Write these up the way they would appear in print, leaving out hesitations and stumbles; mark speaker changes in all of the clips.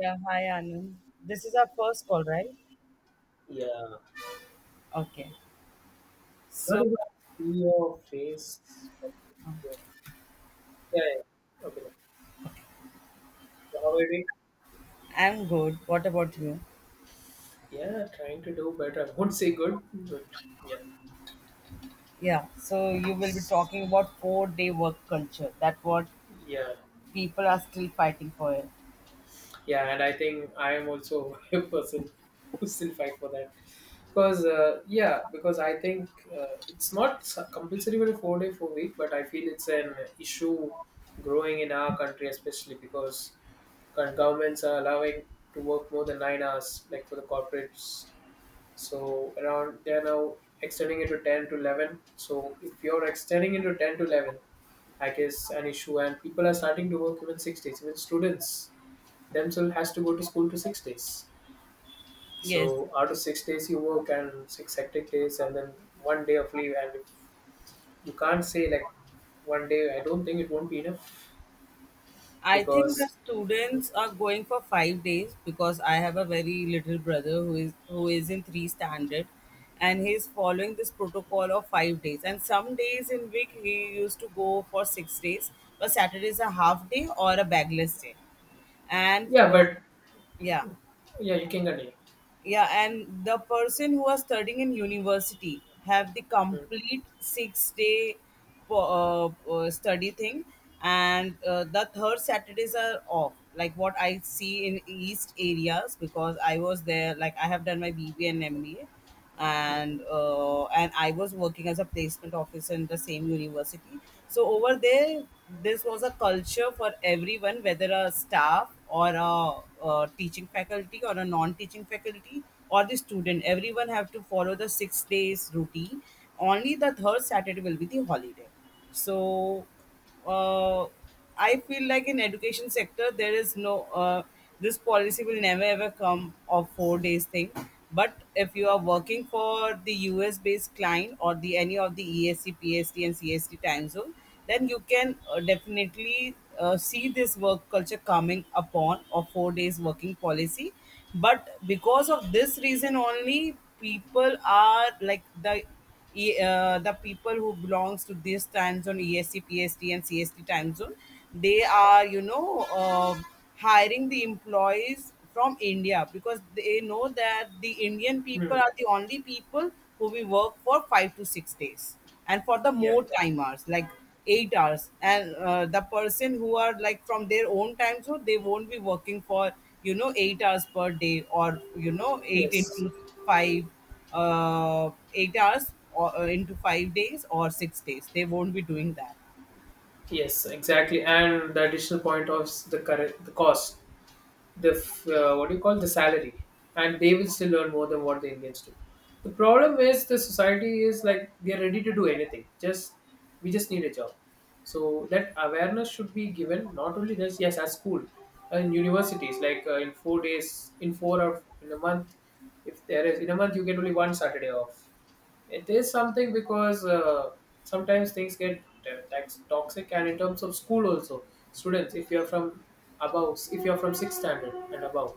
Speaker 1: Yeah, hi Anand. This is our first call, right?
Speaker 2: Yeah,
Speaker 1: Okay.
Speaker 2: not
Speaker 1: So
Speaker 2: even see your face. Yeah, yeah. Okay. No. So how are you doing?
Speaker 1: I'm good. What about you?
Speaker 2: Yeah, trying to do better. I won't say good, but yeah,
Speaker 1: Yeah. So you will be
Speaker 2: S-
Speaker 1: talking about 4 day work culture. That what
Speaker 2: yeah,
Speaker 1: people are still fighting for it.
Speaker 2: yeah. And I think I am also a person who still fight for that because yeah, because I think it's not compulsory for a 4 day 4 week, but I feel it's an issue growing in our country, especially because current governments are allowing to work more than 9 hours, like for the corporates. So around they're now extending it to 10 to 11. So if you're extending it to 10 to 11, I guess an issue, and people are starting to work even 6 days. Even students themselves has to go to school to 6 days.
Speaker 1: Yes.
Speaker 2: So out of 6 days you work and six hectic days, and then one day of leave, and if you can't say like one day, I don't think it won't be enough
Speaker 1: I think the
Speaker 2: because
Speaker 1: students are going for 5 days because I have a very little brother who is in three standard, and he's following this protocol of 5 days. And some days in week he used to go for 6 days, but Saturday is a half day or a bagless day. And
Speaker 2: yeah, but
Speaker 1: yeah,
Speaker 2: yeah, you can continue.
Speaker 1: yeah and the person who are studying in university have the
Speaker 2: Hmm,
Speaker 1: complete 6 day study thing and the third Saturdays are off like what I see in east areas because I was there like I have done my BBA and MBA
Speaker 2: hmm,
Speaker 1: and I was working as a placement officer in the same university. So over there, this was a culture for everyone, whether a staff or a teaching faculty or a non-teaching faculty or the student. Everyone have to follow the 6 days routine. Only the third Saturday will be the holiday. So, uh, I feel like in education sector there is no, this policy will never ever come of 4 days thing. But if you are working for the US based client or the any of the EST, PST, and CST time zone, then you can definitely see this work culture coming upon of 4 days working policy. But because of this reason only, people are like the people who belongs to this time zone, EST, and CST time zone, they are hiring the employees from India because they know that the Indian people
Speaker 2: hmm.
Speaker 1: are the only people who we work for 5 to 6 days and for the
Speaker 2: Yep.
Speaker 1: more time hours like 8 hours and the person who are like from their own time zone they won't be working for 8 hours per day or eight
Speaker 2: Yes.
Speaker 1: into five 8 hours or into 5 days or 6 days. They won't be doing that.
Speaker 2: Yes, exactly. And the additional point of the current the cost, the what do you call the salary, and they will still earn more than what the Indians do. The problem is the society is like they are ready to do anything. Just we just need a job. So that awareness should be given not only this yes at school and universities like in 4 days in four or in a month, if there is in a month you get only one Saturday off it is something because sometimes things get toxic, and in terms of school also, students, if you are from above, if you are from sixth standard and above,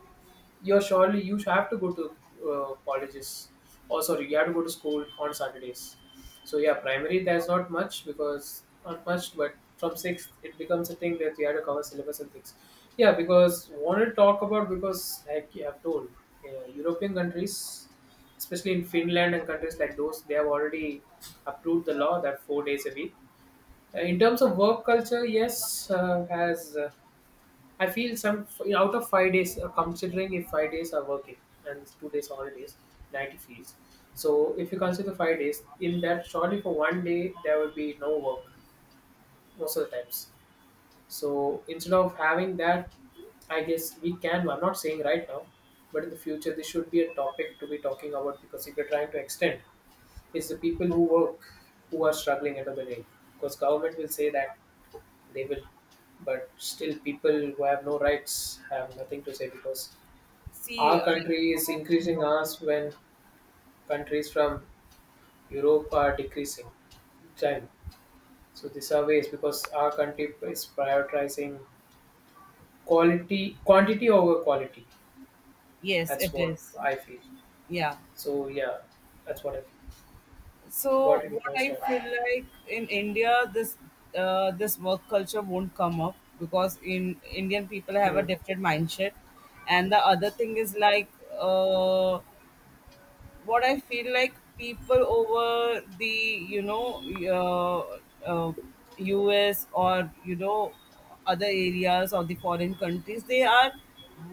Speaker 2: you're surely you have to go to colleges. Oh, sorry, you have to go to school on Saturdays. So yeah, primary there's not much because not much, but from sixth it becomes a thing that you have to cover syllabus and things. Yeah, because want to talk about because like you have told, European countries especially in Finland and countries like those, they have already approved the law that 4 days a week. In terms of work culture, yes, has I feel some out of 5 days, considering if 5 days are working and 2 days holidays, 90 feels. So if you consider 5 days, in that surely for one day there will be no work most of the times. So instead of having that, I guess we can. I'm not saying right now, but in the future this should be a topic to be talking about because if you're trying to extend it's the people who work who are struggling under the rain. Because government will say that they will, but still people who have no rights have nothing to say because
Speaker 1: See,
Speaker 2: our country is increasing ours when countries from Europe are decreasing. China. So these are ways because our country is prioritizing quantity over quality.
Speaker 1: yes,
Speaker 2: That's
Speaker 1: it
Speaker 2: what
Speaker 1: is.
Speaker 2: I feel.
Speaker 1: Yeah.
Speaker 2: So yeah, that's what I feel. You
Speaker 1: So
Speaker 2: got it, you
Speaker 1: what
Speaker 2: can
Speaker 1: I
Speaker 2: start.
Speaker 1: feel like in India, this work culture won't come up because in Indian people have a
Speaker 2: Hmm.
Speaker 1: different mindset, and the other thing is like, uh, what I feel like people over the uh, uh, US or other areas or the foreign countries, they are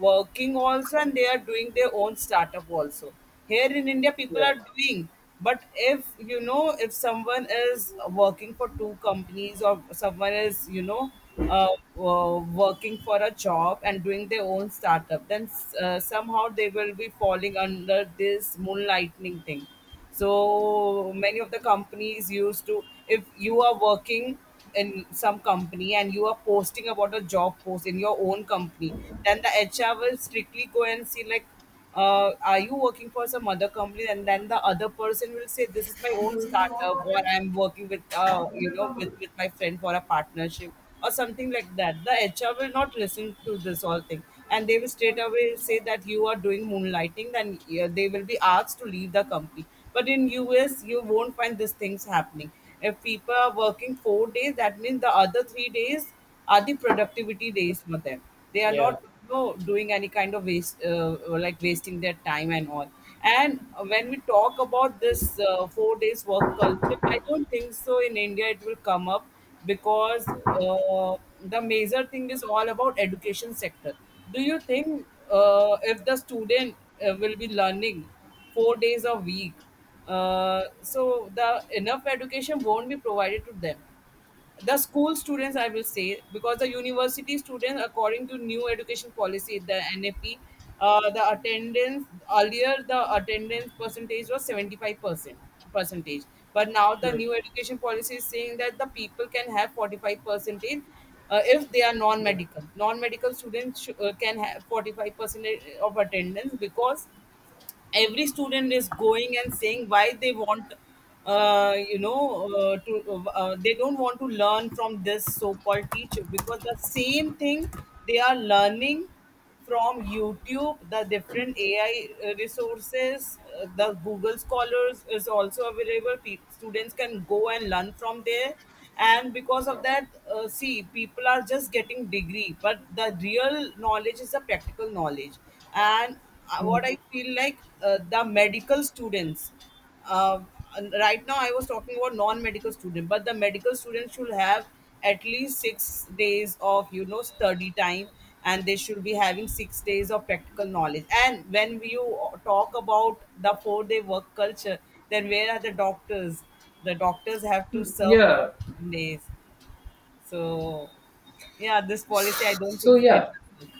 Speaker 1: working also and they are doing their own startup also. Here in India people
Speaker 2: Yeah.
Speaker 1: are doing, but if you know if someone is working for two companies or someone is uh, working for a job and doing their own startup, then somehow they will be falling under this moonlightning thing. So many of the companies used to, if you are working in some company and you are posting about a job post in your own company, then the HR will strictly go and see like, are you working for some other company? And then the other person will say this is my own startup or I'm working with you know with my friend for a partnership or something like that. The HR will not listen to this whole thing, and they will straight away say that you are doing moonlighting. Then yeah, they will be asked to leave the company. But in US you won't find these things happening. If people are working 4 days, that means the other 3 days are the productivity days for them. They are
Speaker 2: Yeah.
Speaker 1: not, doing any kind of like wasting their time and all. And when we talk about this 4 days work culture, I don't think so in India it will come up, because the major thing is all about education sector. Do you think if the student will be learning 4 days a week, so the enough education won't be provided to them? The school students, I will say, because the university students, according to new education policy, the NFP, the attendance, earlier the attendance percentage was 75% percentage, but now the
Speaker 2: Hmm.
Speaker 1: new education policy is saying that the people can have 45 percentage, if they are
Speaker 2: Hmm.
Speaker 1: non-medical students, can have 45% of attendance, because every student is going and saying why they want, to, they don't want to learn from this so-called teacher, because the same thing they are learning from youtube, the different AI resources, the google scholars is also available. Students can go and learn from there, and because of that, see, people are just getting degree, but the real knowledge is the practical knowledge. And what I feel like, the medical students. Uh, and right now, I was talking about non-medical student, but the medical students should have at least 6 days of study time, and they should be having 6 days of practical knowledge. And when you talk about the four-day work culture, then where are the doctors? The doctors have to
Speaker 2: Hmm.
Speaker 1: serve for
Speaker 2: Yeah,
Speaker 1: 7 days. So, yeah, this policy, I don't
Speaker 2: so
Speaker 1: think it
Speaker 2: yeah,
Speaker 1: will work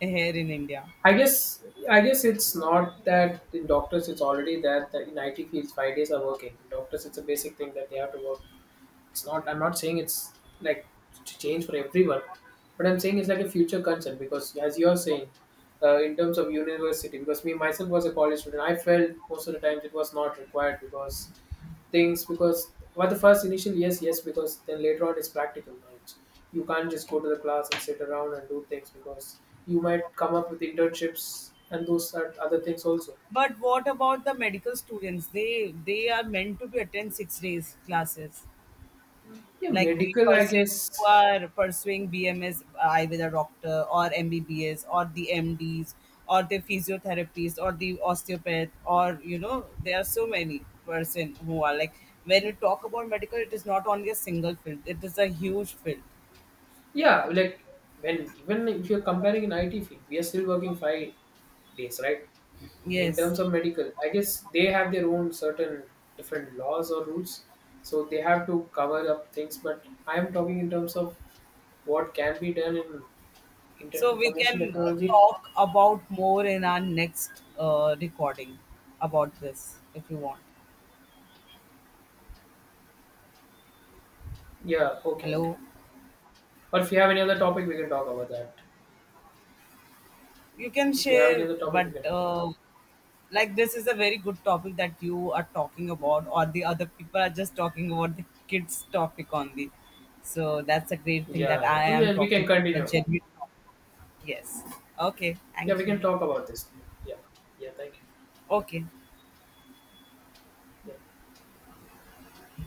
Speaker 1: here in India.
Speaker 2: i guess I guess it's not that in doctors, it's already that, that in IT fields 5 days are working. Doctors, it's a basic thing that they have to work. It's not, I'm not saying it's like to change for everyone, but I'm saying it's like a future concern because as you're saying in terms of university, because me myself was a college student, I felt most of the times it was not required because things, because for the first initial yes, yes, because then later on it's practical knowledge. You can't just go to the class and sit around and do things because you might come up with internships and those are other things also.
Speaker 1: But what about the medical students? They are meant to be attend 6 days classes.
Speaker 2: Yeah,
Speaker 1: Like the
Speaker 2: medical, I
Speaker 1: person
Speaker 2: guess.
Speaker 1: who are pursuing BMS, either a doctor or MBBS or the MDs or the physiotherapists or the osteopath, or there are so many person who are like, when you talk about medical, it is not only a single field; it is a huge field.
Speaker 2: Yeah, like when even if you're comparing in IT field we are still working 5 days, right? In
Speaker 1: Yes,
Speaker 2: terms of medical I guess they have their own certain different laws or rules, so they have to cover up things, but I'm talking in terms of what can be done in
Speaker 1: so we
Speaker 2: information
Speaker 1: can
Speaker 2: technology.
Speaker 1: talk about more in our next recording about this if you want.
Speaker 2: Yeah. Okay. Okay.
Speaker 1: Hello.
Speaker 2: Or if you have any other topic, we can talk about that.
Speaker 1: You can
Speaker 2: If you have any
Speaker 1: share,
Speaker 2: other topic, we
Speaker 1: but
Speaker 2: can talk about that.
Speaker 1: like, this is a very good topic that you are talking about, or the other people are just talking about the kids topic only. So that's a great thing that
Speaker 2: Yeah. Yeah.
Speaker 1: I
Speaker 2: Oh,
Speaker 1: am
Speaker 2: yeah. We can
Speaker 1: talking about the
Speaker 2: continue.
Speaker 1: genuine topic. Yes. Okay.
Speaker 2: Yeah. We
Speaker 1: Thank you.
Speaker 2: can talk about this. Yeah. Yeah. Thank you.
Speaker 1: Okay.
Speaker 2: Yeah.